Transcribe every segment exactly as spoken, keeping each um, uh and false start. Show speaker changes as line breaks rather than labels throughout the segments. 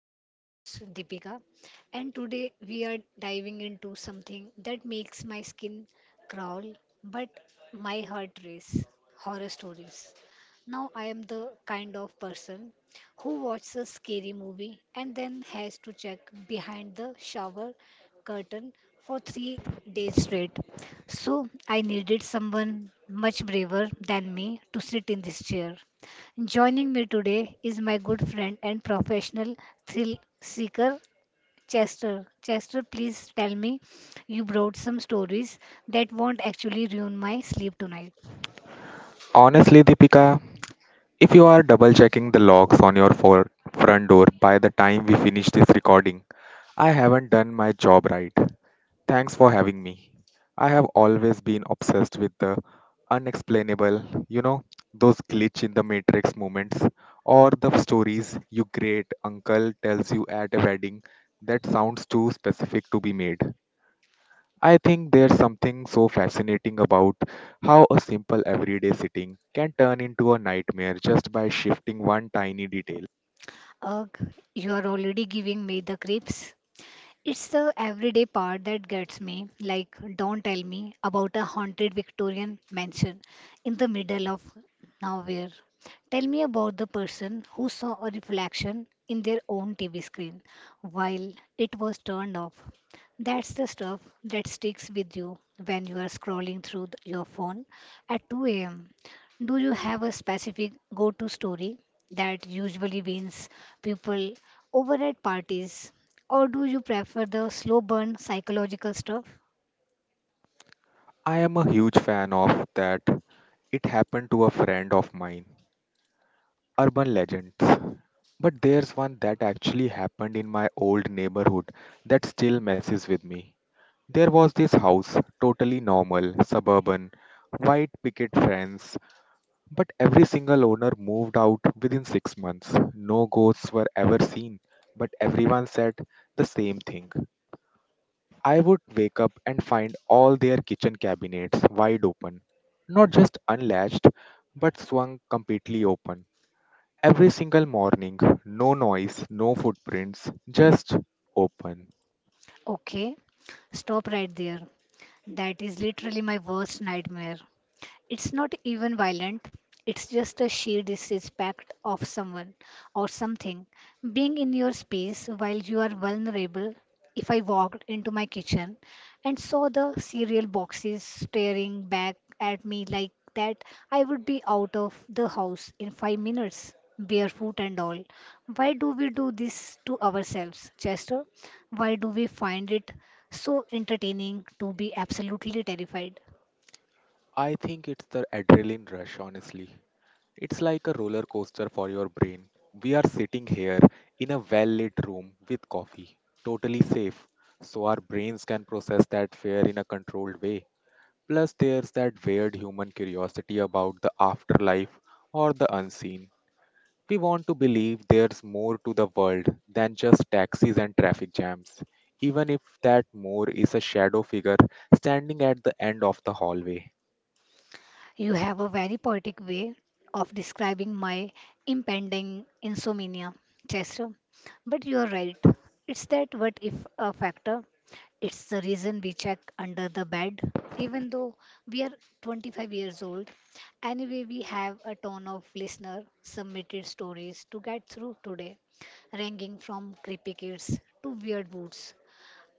am your host, Deepika, and today we are diving into something that makes my skin crawl but my heart race horror stories. Now, I am the kind of person who watches a scary movie and then has to check behind the shower curtain for three days straight. So, I needed someone much braver than me to sit in this chair. Joining me today is my good friend and professional thrill seeker, Chester. Chester, please tell me you brought some stories that won't actually ruin my sleep tonight.
Honestly, Deepika, if you are double checking the locks on your for- front door by the time we finish this recording, I haven't done my job right. Thanks for having me. I have always been obsessed with the unexplainable, you know, those glitch in the matrix moments or the stories your great uncle tells you at a wedding that sounds too specific to be made. I think there's something so fascinating about how a simple everyday sitting can turn into a nightmare just by shifting one tiny detail.
Ugh, you are already giving me the creeps. It's the everyday part that gets me, like, don't tell me about a haunted Victorian mansion in the middle of nowhere. Tell me about the person who saw a reflection in their own T V screen while it was turned off. That's the stuff that sticks with you when you are scrolling through th- your phone at two a m. Do you have a specific go to story that usually wins people over at parties? Or do you prefer the slow burn psychological stuff?
I am a huge fan of that it happened to a friend of mine, urban legends. But there's one that actually happened in my old neighborhood that still messes with me. There was this house, totally normal, suburban, white picket fence, but every single owner moved out within six months. No ghosts were ever seen, but everyone said the same thing. I would wake up and find all their kitchen cabinets wide open, not just unlatched, but swung completely open. Every single morning, no noise, no footprints, just open.
Okay, stop right there. That is literally my worst nightmare. It's not even violent, it's just a sheer disrespect of someone or something. Being in your space while you are vulnerable. If I walked into my kitchen and saw the cereal boxes staring back at me like that, I would be out of the house in five minutes, barefoot and all. Why do we do this to ourselves, Chester? Why do we find it so entertaining to be absolutely terrified?
I think it's the adrenaline rush, honestly. It's like a roller coaster for your brain. We are sitting here in a well lit room with coffee, totally safe, so our brains can process that fear in a controlled way. Plus, there's that weird human curiosity about the afterlife or the unseen. We want to believe there's more to the world than just taxis and traffic jams, even if that more is a shadow figure standing at the end of the hallway.
You have a very poetic way of describing my impending insomnia, Chester. But you are right. It's that what if a factor. It's the reason we check under the bed, even though we are twenty-five years old. Anyway, we have a ton of listener submitted stories to get through today, ranging from creepy kids to weird woods.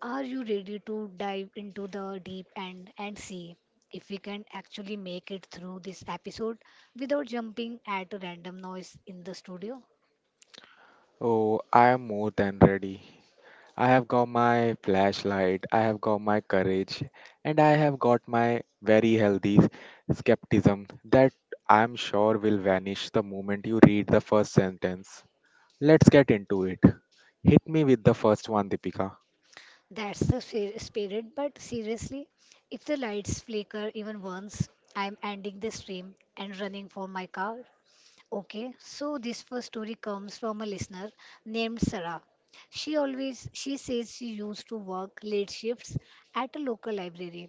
Are you ready to dive into the deep end and see if we can actually make it through this episode without jumping at a random noise in the studio?
Oh, I am more than ready. I have got my flashlight, I have got my courage, and I have got my very healthy skepticism that I'm sure will vanish the moment you read the first sentence. Let's get into it. Hit me with the first one, Deepika.
That's the fi- spirit, but seriously, if the lights flicker even once, I'm ending the stream and running for my car. Okay, so this first story comes from a listener named Sarah. She always she says she used to work late shifts at a local library,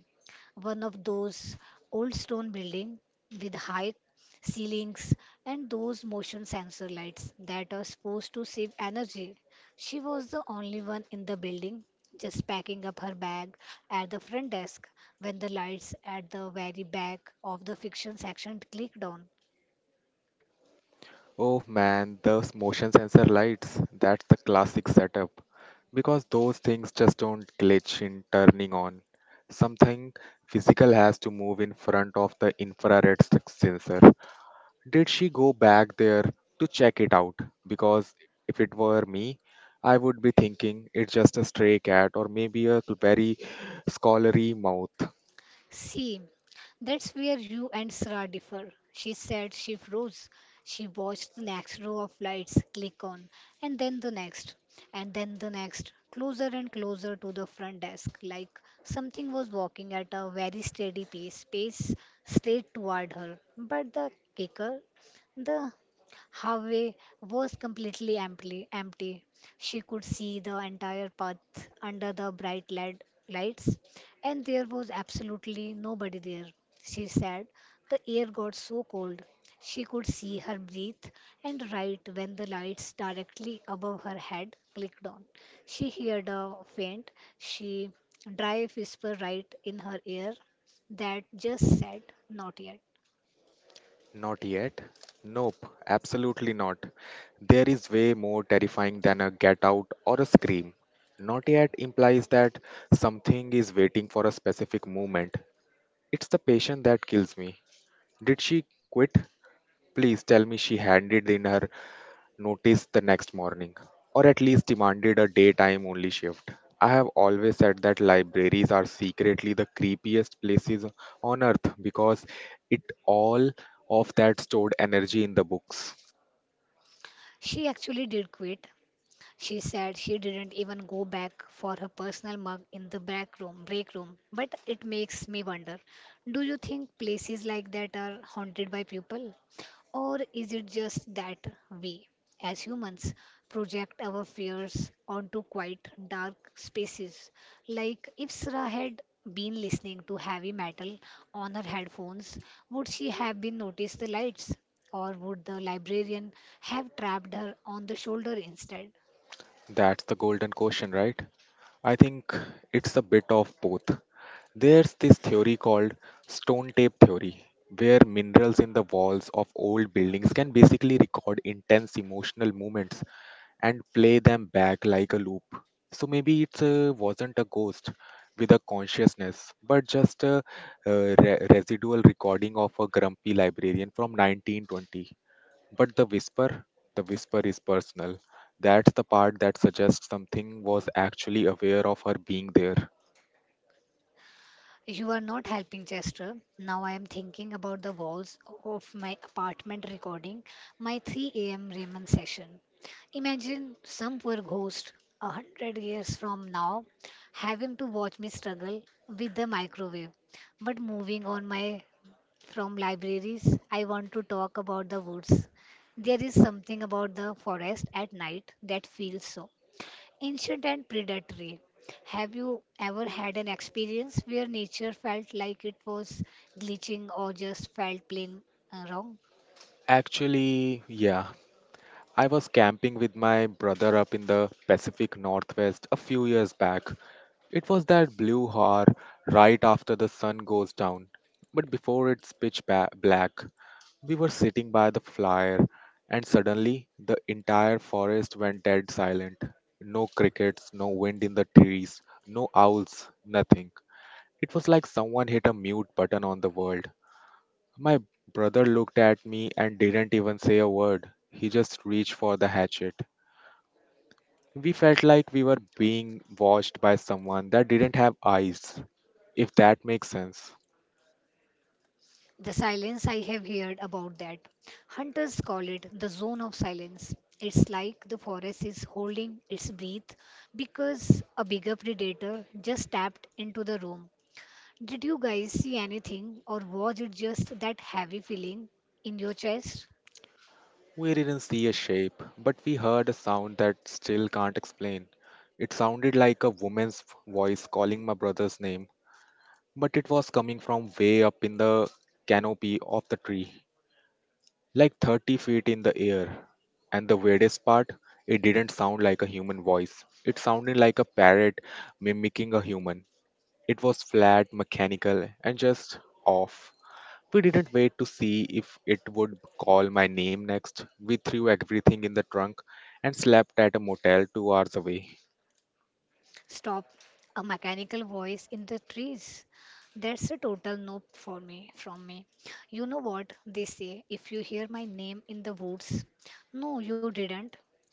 one of those old stone building with high ceilings and those motion sensor lights that are supposed to save energy. She was the only one in the building, just packing up her bag at the front desk, when the lights at the very back of the fiction section clicked on.
Oh man, those motion sensor lights, that's the classic setup. Because those things just don't glitch in turning on. Something physical has to move in front of the infrared s- sensor. Did she go back there to check it out? Because if it were me, I would be thinking it's just a stray cat or maybe a very scholarly mouth.
See, that's where you and Sarah differ. She said she froze. She watched the next row of lights click on, and then the next, and then the next, closer and closer to the front desk, like something was walking at a very steady pace, pace straight toward her. But the kicker, the hallway was completely empty empty She could see the entire path under the bright led lights, and there was absolutely nobody there, she said. The air got so cold. She could see her breathe, and right when the lights directly above her head clicked on, she heard a faint, she dry whisper right in her ear that just said, "Not yet."
Not yet. Nope, absolutely not. There is way more terrifying than a get out or a scream. Not yet implies that something is waiting for a specific moment. It's the patient that kills me. Did she quit? Please tell me she handed in her noticed the next morning, or at least demanded a daytime only shift. I have always said that libraries are secretly the creepiest places on earth because it all of that stored energy in the books.
She actually did quit. She said she didn't even go back for her personal mug in the back room, break room. But it makes me wonder, do you think places like that are haunted by people? Or is it just that we, as humans, project our fears onto quite dark spaces? Like if Sarah had been listening to heavy metal on her headphones, would she have been noticed the lights? Or would the librarian have trapped her on the shoulder instead?
That's the golden question, right? I think it's a bit of both. There's this theory called stone tape theory, where minerals in the walls of old buildings can basically record intense emotional moments and play them back like a loop. So maybe it uh, wasn't a ghost with a consciousness, but just a uh, re- residual recording of a grumpy librarian from nineteen twenty. But the whisper, the whisper is personal. That's the part that suggests something was actually aware of her being there.
You are not helping, Chester. Now I am thinking about the walls of my apartment recording my three a m. Raymond session. Imagine some poor ghost a hundred years from now having to watch me struggle with the microwave. But moving on my from libraries, I want to talk about the woods. There is something about the forest at night that feels so ancient and predatory. Have you ever had an experience where nature felt like it was glitching or just felt plain uh, wrong?
Actually, yeah. I was camping with my brother up in the Pacific Northwest a few years back. It was that blue hour right after the sun goes down, but before it's pitch ba- black. We were sitting by the fire, and suddenly the entire forest went dead silent. No crickets, no wind in the trees, no owls, nothing. It was like someone hit a mute button on the world. My brother looked at me and didn't even say a word. He just reached for the hatchet. We felt like we were being watched by someone that didn't have eyes, if that makes sense.
The silence, I have heard about that. Hunters call it the zone of silence. It's like the forest is holding its breath because a bigger predator just stepped into the room. Did you guys see anything, or was it just that heavy feeling in your chest?
We didn't see a shape, but we heard a sound that still can't explain. It sounded like a woman's voice calling my brother's name, but it was coming from way up in the canopy of the tree, like thirty feet in the air. And the weirdest part, it didn't sound like a human voice. It sounded like a parrot mimicking a human. It was flat, mechanical, and just off. We didn't wait to see if it would call my name next. We threw everything in the trunk and slept at a motel two hours away.
Stop. A mechanical voice in the trees. That's a total no for me from me. You know what they say if you hear my name in the woods? No, you didn't.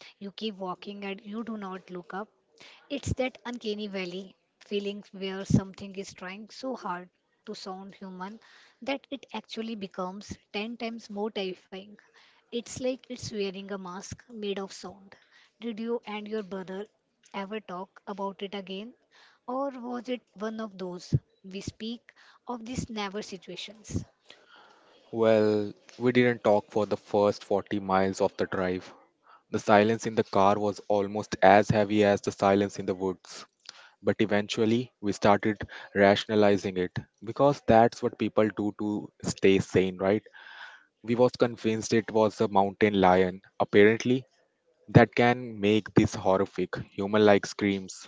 You keep walking and you do not look up. It's that uncanny valley feeling where something is trying so hard to sound human that it actually becomes ten times more terrifying. It's like it's wearing a mask made of sound. Did you and your brother ever talk about it again? Or was it one of those we speak of these never situations?
Well, we didn't talk for the first forty miles of the drive. The silence in the car was almost as heavy as the silence in the woods. But eventually, we started rationalizing it because that's what people do to stay sane, right? We was convinced it was a mountain lion. Apparently, that can make these horrific human-like screams.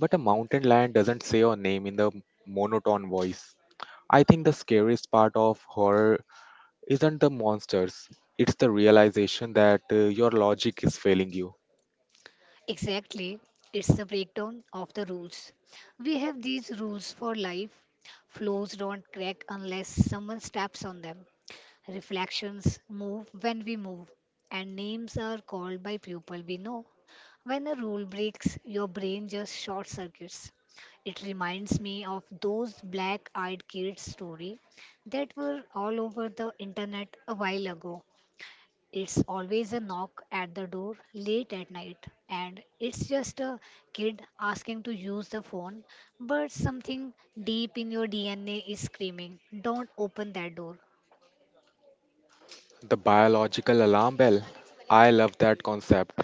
But a mountain lion doesn't say your name in the monotone voice. I think the scariest part of horror isn't the monsters, it's the realization that uh, your logic is failing you.
Exactly. It's the breakdown of the rules. We have these rules for life. Floors don't crack unless someone steps on them. Reflections move when we move. And names are called by people we know. When a rule breaks, your brain just short circuits. It reminds me of those black eyed kids' story that were all over the internet a while ago. It's always a knock at the door late at night, and it's just a kid asking to use the phone, but something deep in your D N A is screaming, "Don't open that door."
The biological alarm bell. I love that concept.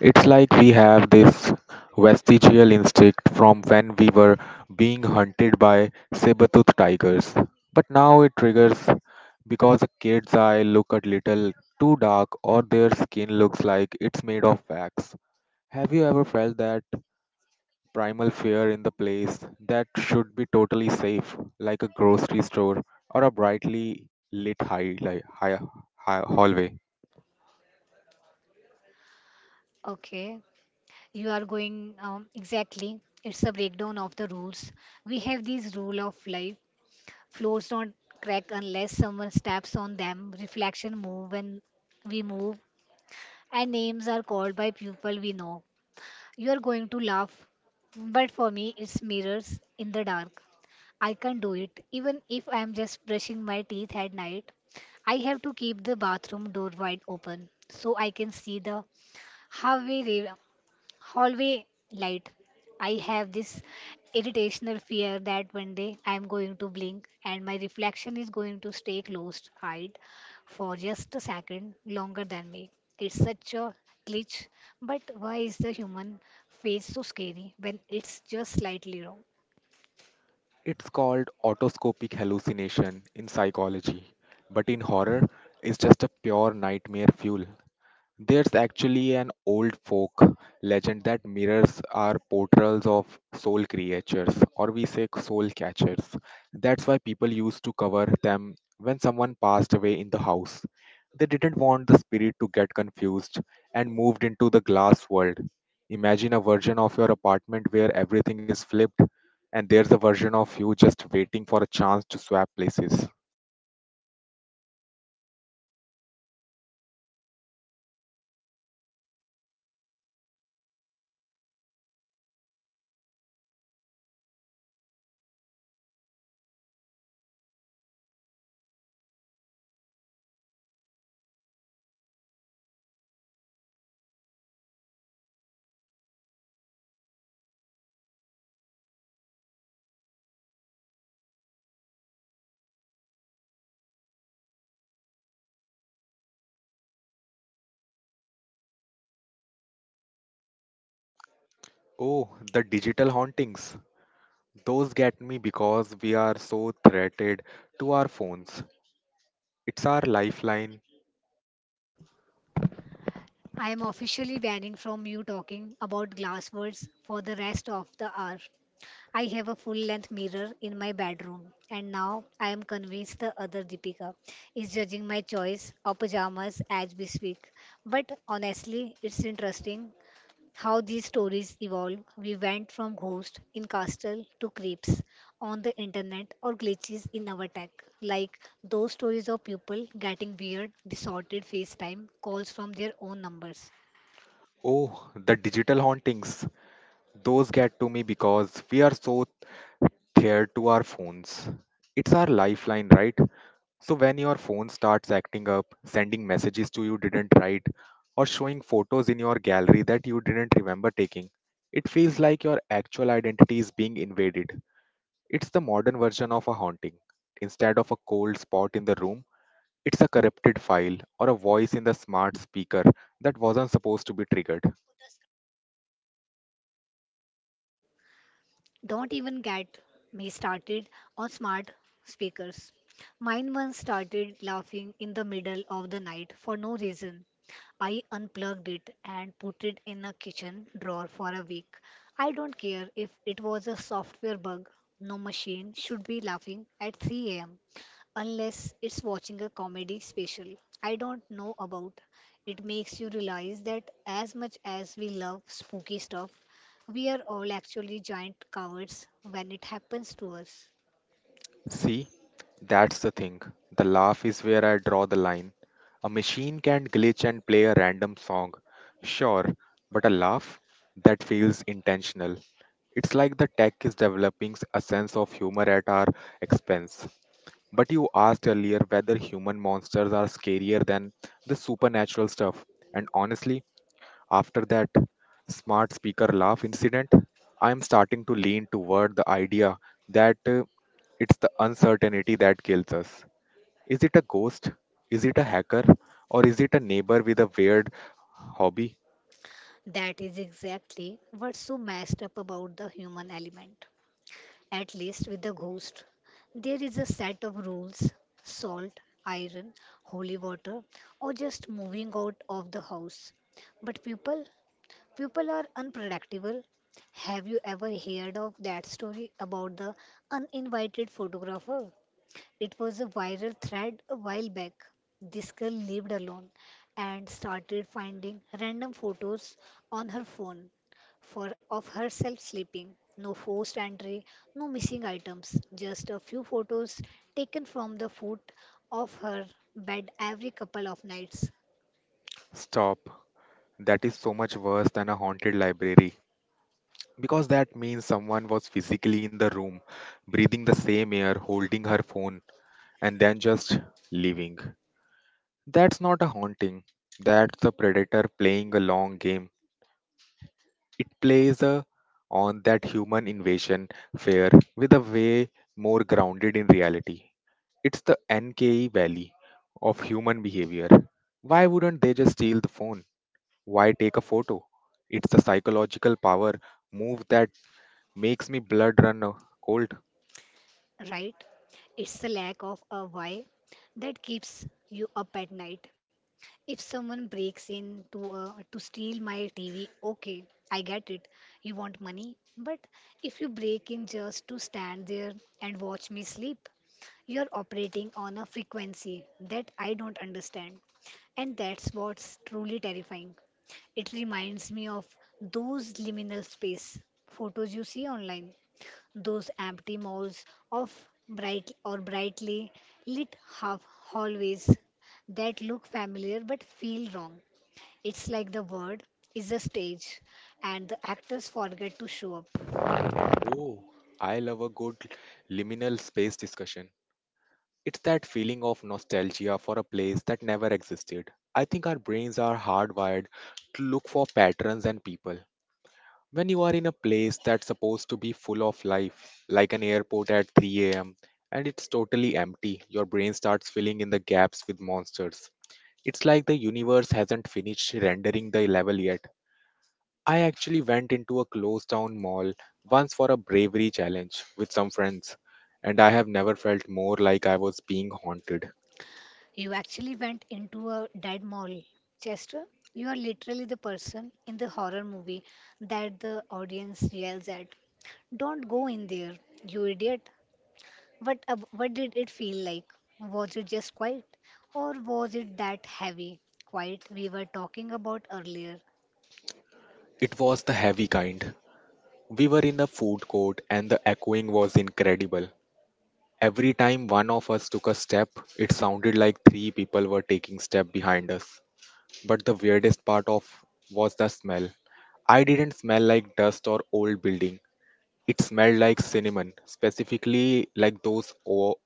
It's like we have this vestigial instinct from when we were being hunted by saber-toothed tigers. But now it triggers because a kid's eye look a little too dark or their skin looks like it's made of wax. Have you ever felt that primal fear in the place that should be totally safe, like a grocery store or a brightly lit high, like, high, high hallway?
Okay, you are going um, exactly. It's a breakdown of the rules. We have these rule of life. Floors don't crack unless someone steps on them. Reflection move when we move, and names are called by people we know. You're going to laugh, but for me, it's mirrors in the dark. I can't do it, even if I'm just brushing my teeth at night. I have to keep the bathroom door wide open so I can see the halfway ra- hallway light. I have this irritational fear that one day I am going to blink and my reflection is going to stay closed eyed for just a second longer than me. It's such a glitch, but why is the human face so scary when it's just slightly wrong?
It's called autoscopic hallucination in psychology, but in horror, it's just a pure nightmare fuel. There's actually an old folk legend that mirrors are portrayals of soul creatures, or we say soul catchers. That's why people used to cover them when someone passed away in the house. They didn't want the spirit to get confused and moved into the glass world. Imagine a version of your apartment where everything is flipped, and there's a version of you just waiting for a chance to swap places. Oh, the digital hauntings. Those get me because we are so threatened to our phones. It's our lifeline.
I am officially banning from you talking about glass words for the rest of the hour. I have a full length mirror in my bedroom, and now I am convinced the other Deepika is judging my choice of pajamas as we speak. But honestly, it's interesting how these stories evolve. We went from ghosts in castle to creeps on the internet or glitches in our tech, like those stories of people getting weird, distorted FaceTime calls from their own numbers.
Oh, the digital hauntings. Those get to me because we are so tethered to our phones. It's our lifeline, right? So when your phone starts acting up, sending messages to you didn't write, or showing photos in your gallery that you didn't remember taking, it feels like your actual identity is being invaded. It's the modern version of a haunting. Instead of a cold spot in the room, it's a corrupted file or a voice in the smart speaker that wasn't supposed to be triggered.
Don't even get me started on smart speakers. Mine once started laughing in the middle of the night for no reason. I unplugged it and put it in a kitchen drawer for a week. I don't care if it was a software bug, no machine should be laughing at three a m unless it's watching a comedy special I don't know about. It makes you realize that as much as we love spooky stuff, we are all actually giant cowards when it happens to us.
See, that's the thing. The laugh is where I draw the line. A machine can glitch and play a random song, sure, but a laugh? That feels intentional. It's like the tech is developing a sense of humor at our expense. But you asked earlier whether human monsters are scarier than the supernatural stuff, and honestly, after that smart speaker laugh incident, I am starting to lean toward the idea that uh, it's the uncertainty that kills us. Is it a ghost? Is it a hacker? Or is it a neighbor with a weird hobby?
That is exactly what's so messed up about the human element. At least with the ghost, there is a set of rules: salt, iron, holy water, or just moving out of the house. But people people are unpredictable. Have you ever heard of that story about the uninvited photographer? It was a viral thread a while back. This girl lived alone and started finding random photos on her phone for of herself sleeping. No forced entry, no missing items, just a few photos taken from the foot of her bed every couple of nights.
Stop. That is so much worse than a haunted library. Because that means someone was physically in the room, breathing the same air, holding her phone, and then just leaving. That's not a haunting. That's the predator playing a long game. It plays uh, on that human invasion fear with a way more grounded in reality. It's the N K E valley of human behavior. Why wouldn't they just steal the phone? Why take a photo? It's the psychological power move that makes me blood run uh, cold.
Right? It's the lack of a why that keeps you up at night. If someone breaks in to uh, to steal my T V, okay, I get it. You want money, but if you break in just to stand there and watch me sleep, you're operating on a frequency that I don't understand. And that's what's truly terrifying. It reminds me of those liminal space photos you see online, those empty malls of bright or brightly lit half hallways that look familiar but feel wrong. It's like the world is a stage and the actors forget to show up.
Oh, I love a good liminal space discussion. It's that feeling of nostalgia for a place that never existed. I think our brains are hardwired to look for patterns and people. When you are in a place that's supposed to be full of life, like an airport at three a m, and it's totally empty, your brain starts filling in the gaps with monsters. It's like the universe hasn't finished rendering the level yet. I actually went into a closed down mall once for a bravery challenge with some friends, and I have never felt more like I was being haunted.
You actually went into a dead mall, Chester. You are literally the person in the horror movie that the audience yells at. Don't go in there, you idiot. What, uh, what did it feel like? Was it just quiet? Or was it that heavy quiet we were talking about earlier?
It was the heavy kind. We were in a food court, and the echoing was incredible. Every time one of us took a step, it sounded like three people were taking step behind us. But the weirdest part of was the smell. I didn't smell like dust or old building. It smelled like cinnamon, specifically like those o-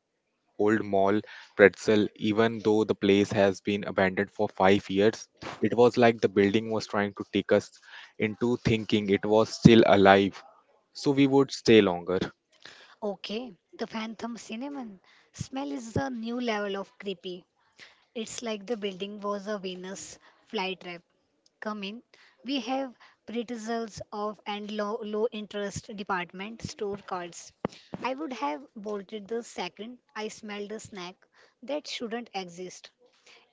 old mall pretzel. Even though the place has been abandoned for five years, it was like the building was trying to trick us into thinking it was still alive, so we would stay longer.
Okay, the Phantom Cinnamon smell is a new level of creepy. It's like the building was a Venus flytrap. Come in. We have pretzels of and low, low interest department store cards. I would have bolted the second I smelled a snack that shouldn't exist.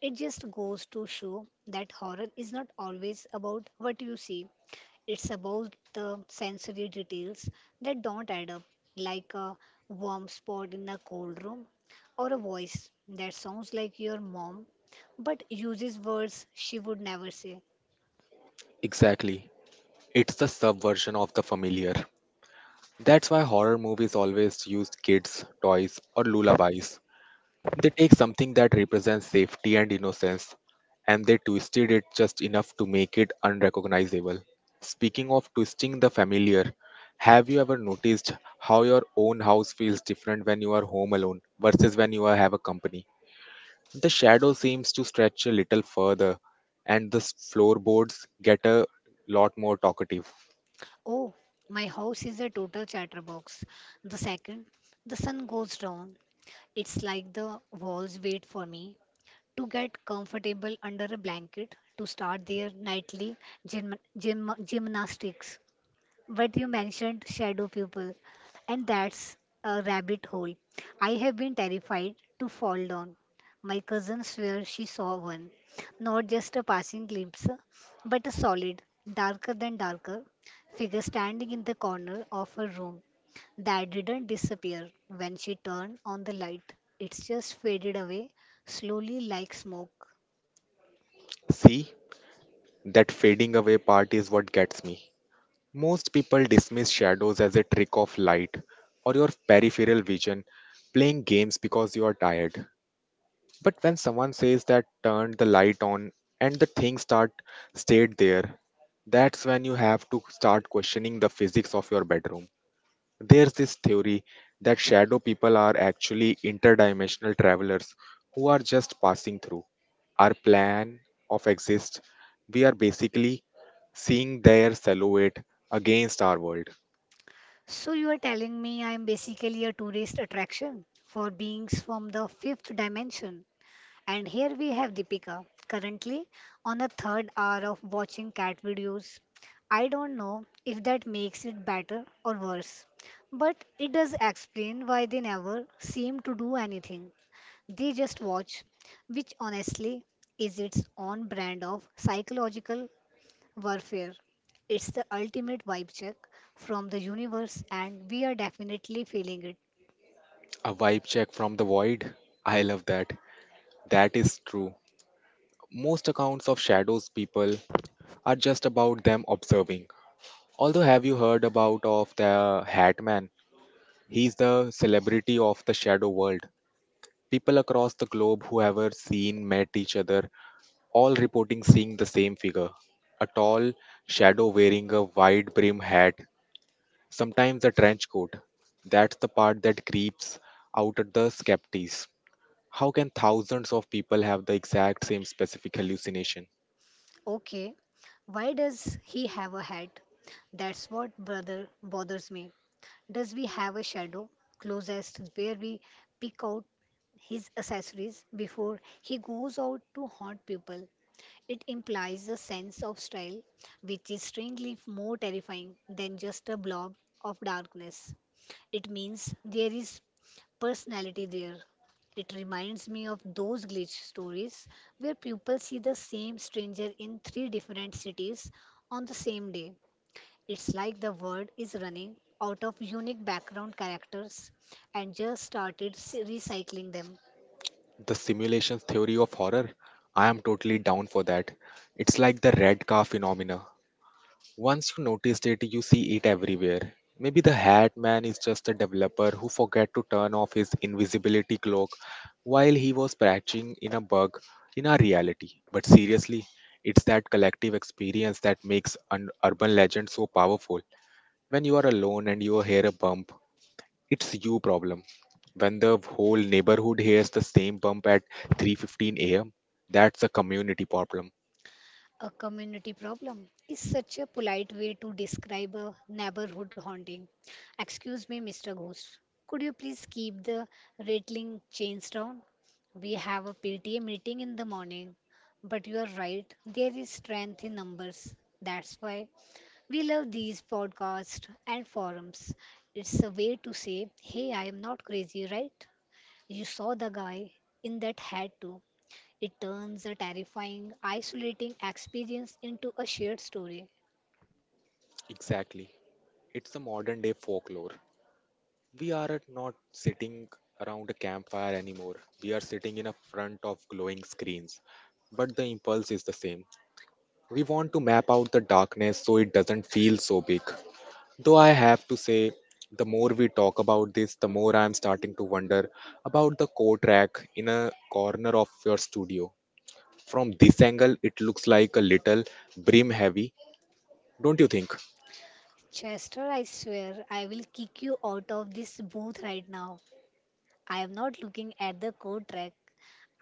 It just goes to show that horror is not always about what you see. It's about the sensory details that don't add up, like a warm spot in a cold room or a voice that sounds like your mom but uses words she would never say.
Exactly. It's the subversion of the familiar. That's why horror movies always use kids, toys, or lullabies. They take something that represents safety and innocence and they twisted it just enough to make it unrecognizable. Speaking of twisting the familiar, have you ever noticed how your own house feels different when you are home alone versus when you are- have a company? The shadow seems to stretch a little further and the s- floorboards get a lot more talkative.
Oh, my house is a total chatterbox. The second the sun goes down, it's like the walls wait for me to get comfortable under a blanket, to start their nightly gym, gym, gymnastics. But you mentioned shadow people, and that's a rabbit hole I have been terrified to fall down. My cousin swears she saw one, not just a passing glimpse, but a solid, darker than darker figure standing in the corner of her room that didn't disappear when she turned on the light. It's just faded away slowly like smoke.
See, that fading away part is what gets me. Most people dismiss shadows as a trick of light or your peripheral vision playing games because you are tired. But when someone says that turn the light on and the thing start stayed there, that's when you have to start questioning the physics of your bedroom. There's this theory that shadow people are actually interdimensional travelers who are just passing through. Our plan of exist, we are basically seeing their silhouette against our world.
So you are telling me I'm basically a tourist attraction for beings from the fifth dimension. And here we have Deepika, currently on a third hour of watching cat videos. I don't know if that makes it better or worse, but it does explain why they never seem to do anything. They just watch, which honestly is its own brand of psychological warfare. It's the ultimate vibe check from the universe, and we are definitely feeling it.
A vibe check from the void? I love that. That is true. Most accounts of shadows people are just about them observing. Although have you heard about of the Hat Man? He's the celebrity of the shadow world. People across the globe who ever seen met each other, all reporting seeing the same figure. A tall shadow wearing a wide brim hat, sometimes a trench coat. That's the part that creeps out at the skeptics. How can thousands of people have the exact same specific hallucination?
Okay, why does he have a hat? That's what, brother, bothers me. Does we have a shadow closest where we pick out his accessories before he goes out to haunt people? It implies a sense of style, which is strangely more terrifying than just a blob of darkness. It means there is personality there. It reminds me of those glitch stories where people see the same stranger in three different cities on the same day. It's like the world is running out of unique background characters and just started s- recycling them.
The simulation theory of horror? I am totally down for that. It's like the red car phenomena. Once you noticed it, you see it everywhere. Maybe the Hat Man is just a developer who forgot to turn off his invisibility cloak while he was patching in a bug in our reality. But seriously, it's that collective experience that makes an urban legend so powerful. When you are alone and you hear a bump, it's you problem when the whole neighborhood hears the same bump at three fifteen a m That's a community problem.
A community problem is such a polite way to describe a neighborhood haunting. Excuse me, mister Ghost. Could you please keep the rattling chains down? We have a P T A meeting in the morning. But you are right, there is strength in numbers. That's why we love these podcasts and forums. It's a way to say, hey, I am not crazy, right? You saw the guy in that hat too. It turns a terrifying, isolating experience into a shared story.
Exactly, it's a modern day folklore. We are at not sitting around a campfire anymore, we are sitting in a front of glowing screens, but the impulse is the same. We want to map out the darkness so it doesn't feel so big. Though I have to say, the more we talk about this, the more I am starting to wonder about the coat rack in a corner of your studio. From this angle, it looks like a little brim heavy, don't you think?
Chester, I swear, I will kick you out of this booth right now. I am not looking at the code track.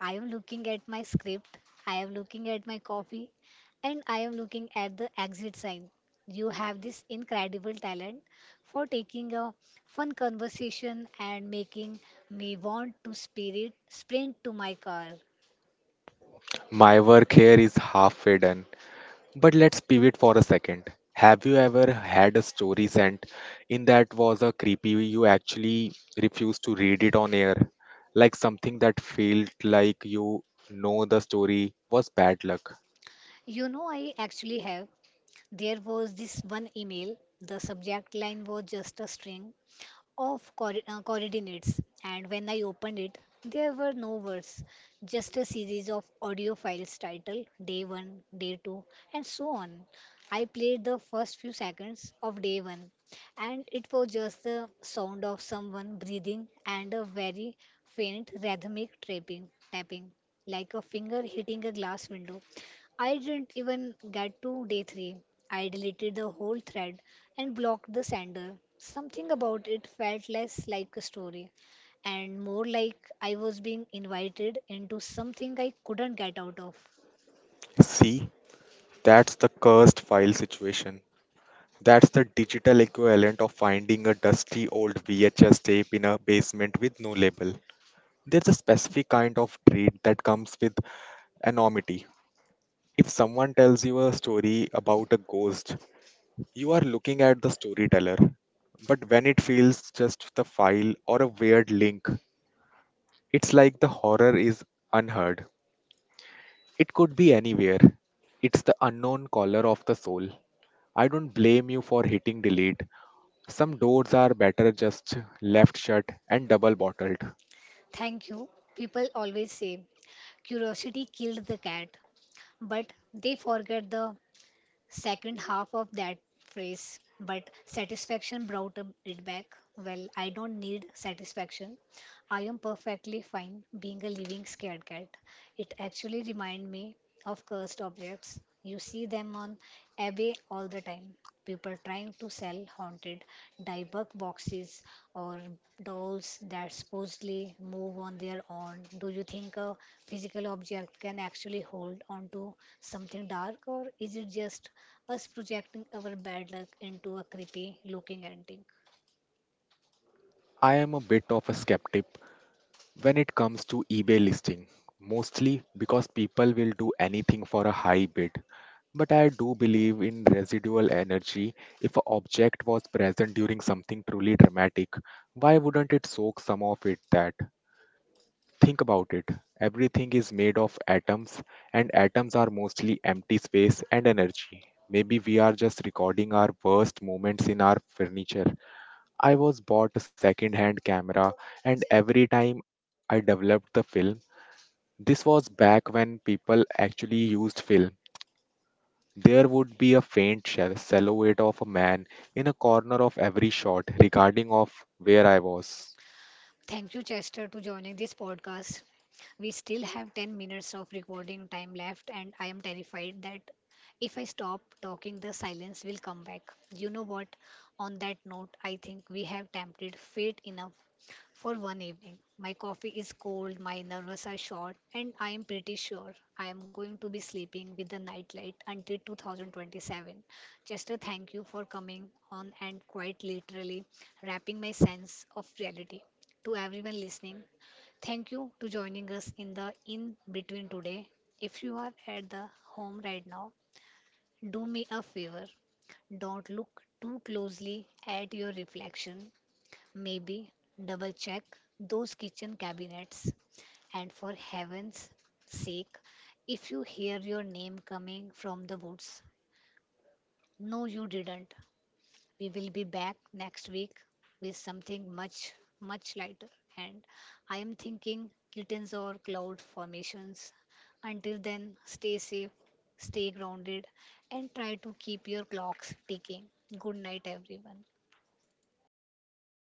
I am looking at my script. I am looking at my coffee. And I am looking at the exit sign. You have this incredible talent for taking a fun conversation and making me want to spirit sprint to my car.
My work here is halfway done. But let's pivot for a second. Have you ever had a story sent in that was a creepy you actually refused to read it on air? Like something that felt like you know the story was bad luck.
You know, I actually have. There was this one email, the subject line was just a string of coor- uh, coordinates, and when I opened it, there were no words, just a series of audio files titled day one, day two, and so on. I played the first few seconds of day one, and it was just the sound of someone breathing and a very faint rhythmic tapping, tapping like a finger hitting a glass window. I didn't even get to day three. I deleted the whole thread and blocked the sender. Something about it felt less like a story and more like I was being invited into something I couldn't get out of.
See, that's the cursed file situation. That's the digital equivalent of finding a dusty old V H S tape in a basement with no label. There's a specific kind of trait that comes with anonymity. If someone tells you a story about a ghost, you are looking at the storyteller. But when it feels just the file or a weird link, it's like the horror is unheard. It could be anywhere. It's the unknown caller of the soul. I don't blame you for hitting delete. Some doors are better just left shut and double bottled.
Thank you. People always say curiosity killed the cat, but they forget the second half of that phrase: but satisfaction brought up it back. Well, I don't need satisfaction. I am perfectly fine being a living scared cat. It actually reminds me of cursed objects. You see them on eBay all the time. People trying to sell haunted dieback boxes or dolls that supposedly move on their own. Do you think a physical object can actually hold on to something dark, or is it just us projecting our bad luck into a creepy looking entity?
I am a bit of a skeptic when it comes to eBay listing, mostly because people will do anything for a high bid. But I do believe in residual energy. If an object was present during something truly dramatic, why wouldn't it soak some of it that? Think about it. Everything is made of atoms, and atoms are mostly empty space and energy. Maybe we are just recording our worst moments in our furniture. I was bought a second hand camera, and every time I developed the film, this was back when people actually used film. There would be a faint shell- silhouette of a man in a corner of every shot, regarding of where I was.
Thank you, Chester, to joining this podcast. We still have ten minutes of recording time left, and I am terrified that if I stop talking, the silence will come back. You know what? On that note, I think we have tempted fate enough for one evening. My coffee is cold, my nerves are short, and I am pretty sure I am going to be sleeping with the nightlight until two thousand twenty-seven. Chester, thank you for coming on and quite literally wrapping my sense of reality. To everyone listening, thank you to joining us in the in between today. If you are at the home right now, do me a favor. Don't look too closely at your reflection. Maybe double check those kitchen cabinets. And for heaven's sake, if you hear your name coming from the woods, no, you didn't. We will be back next week with something much, much lighter. And I am thinking kittens or cloud formations. Until then, stay safe, stay grounded, and try to keep your clocks ticking. Good night, everyone.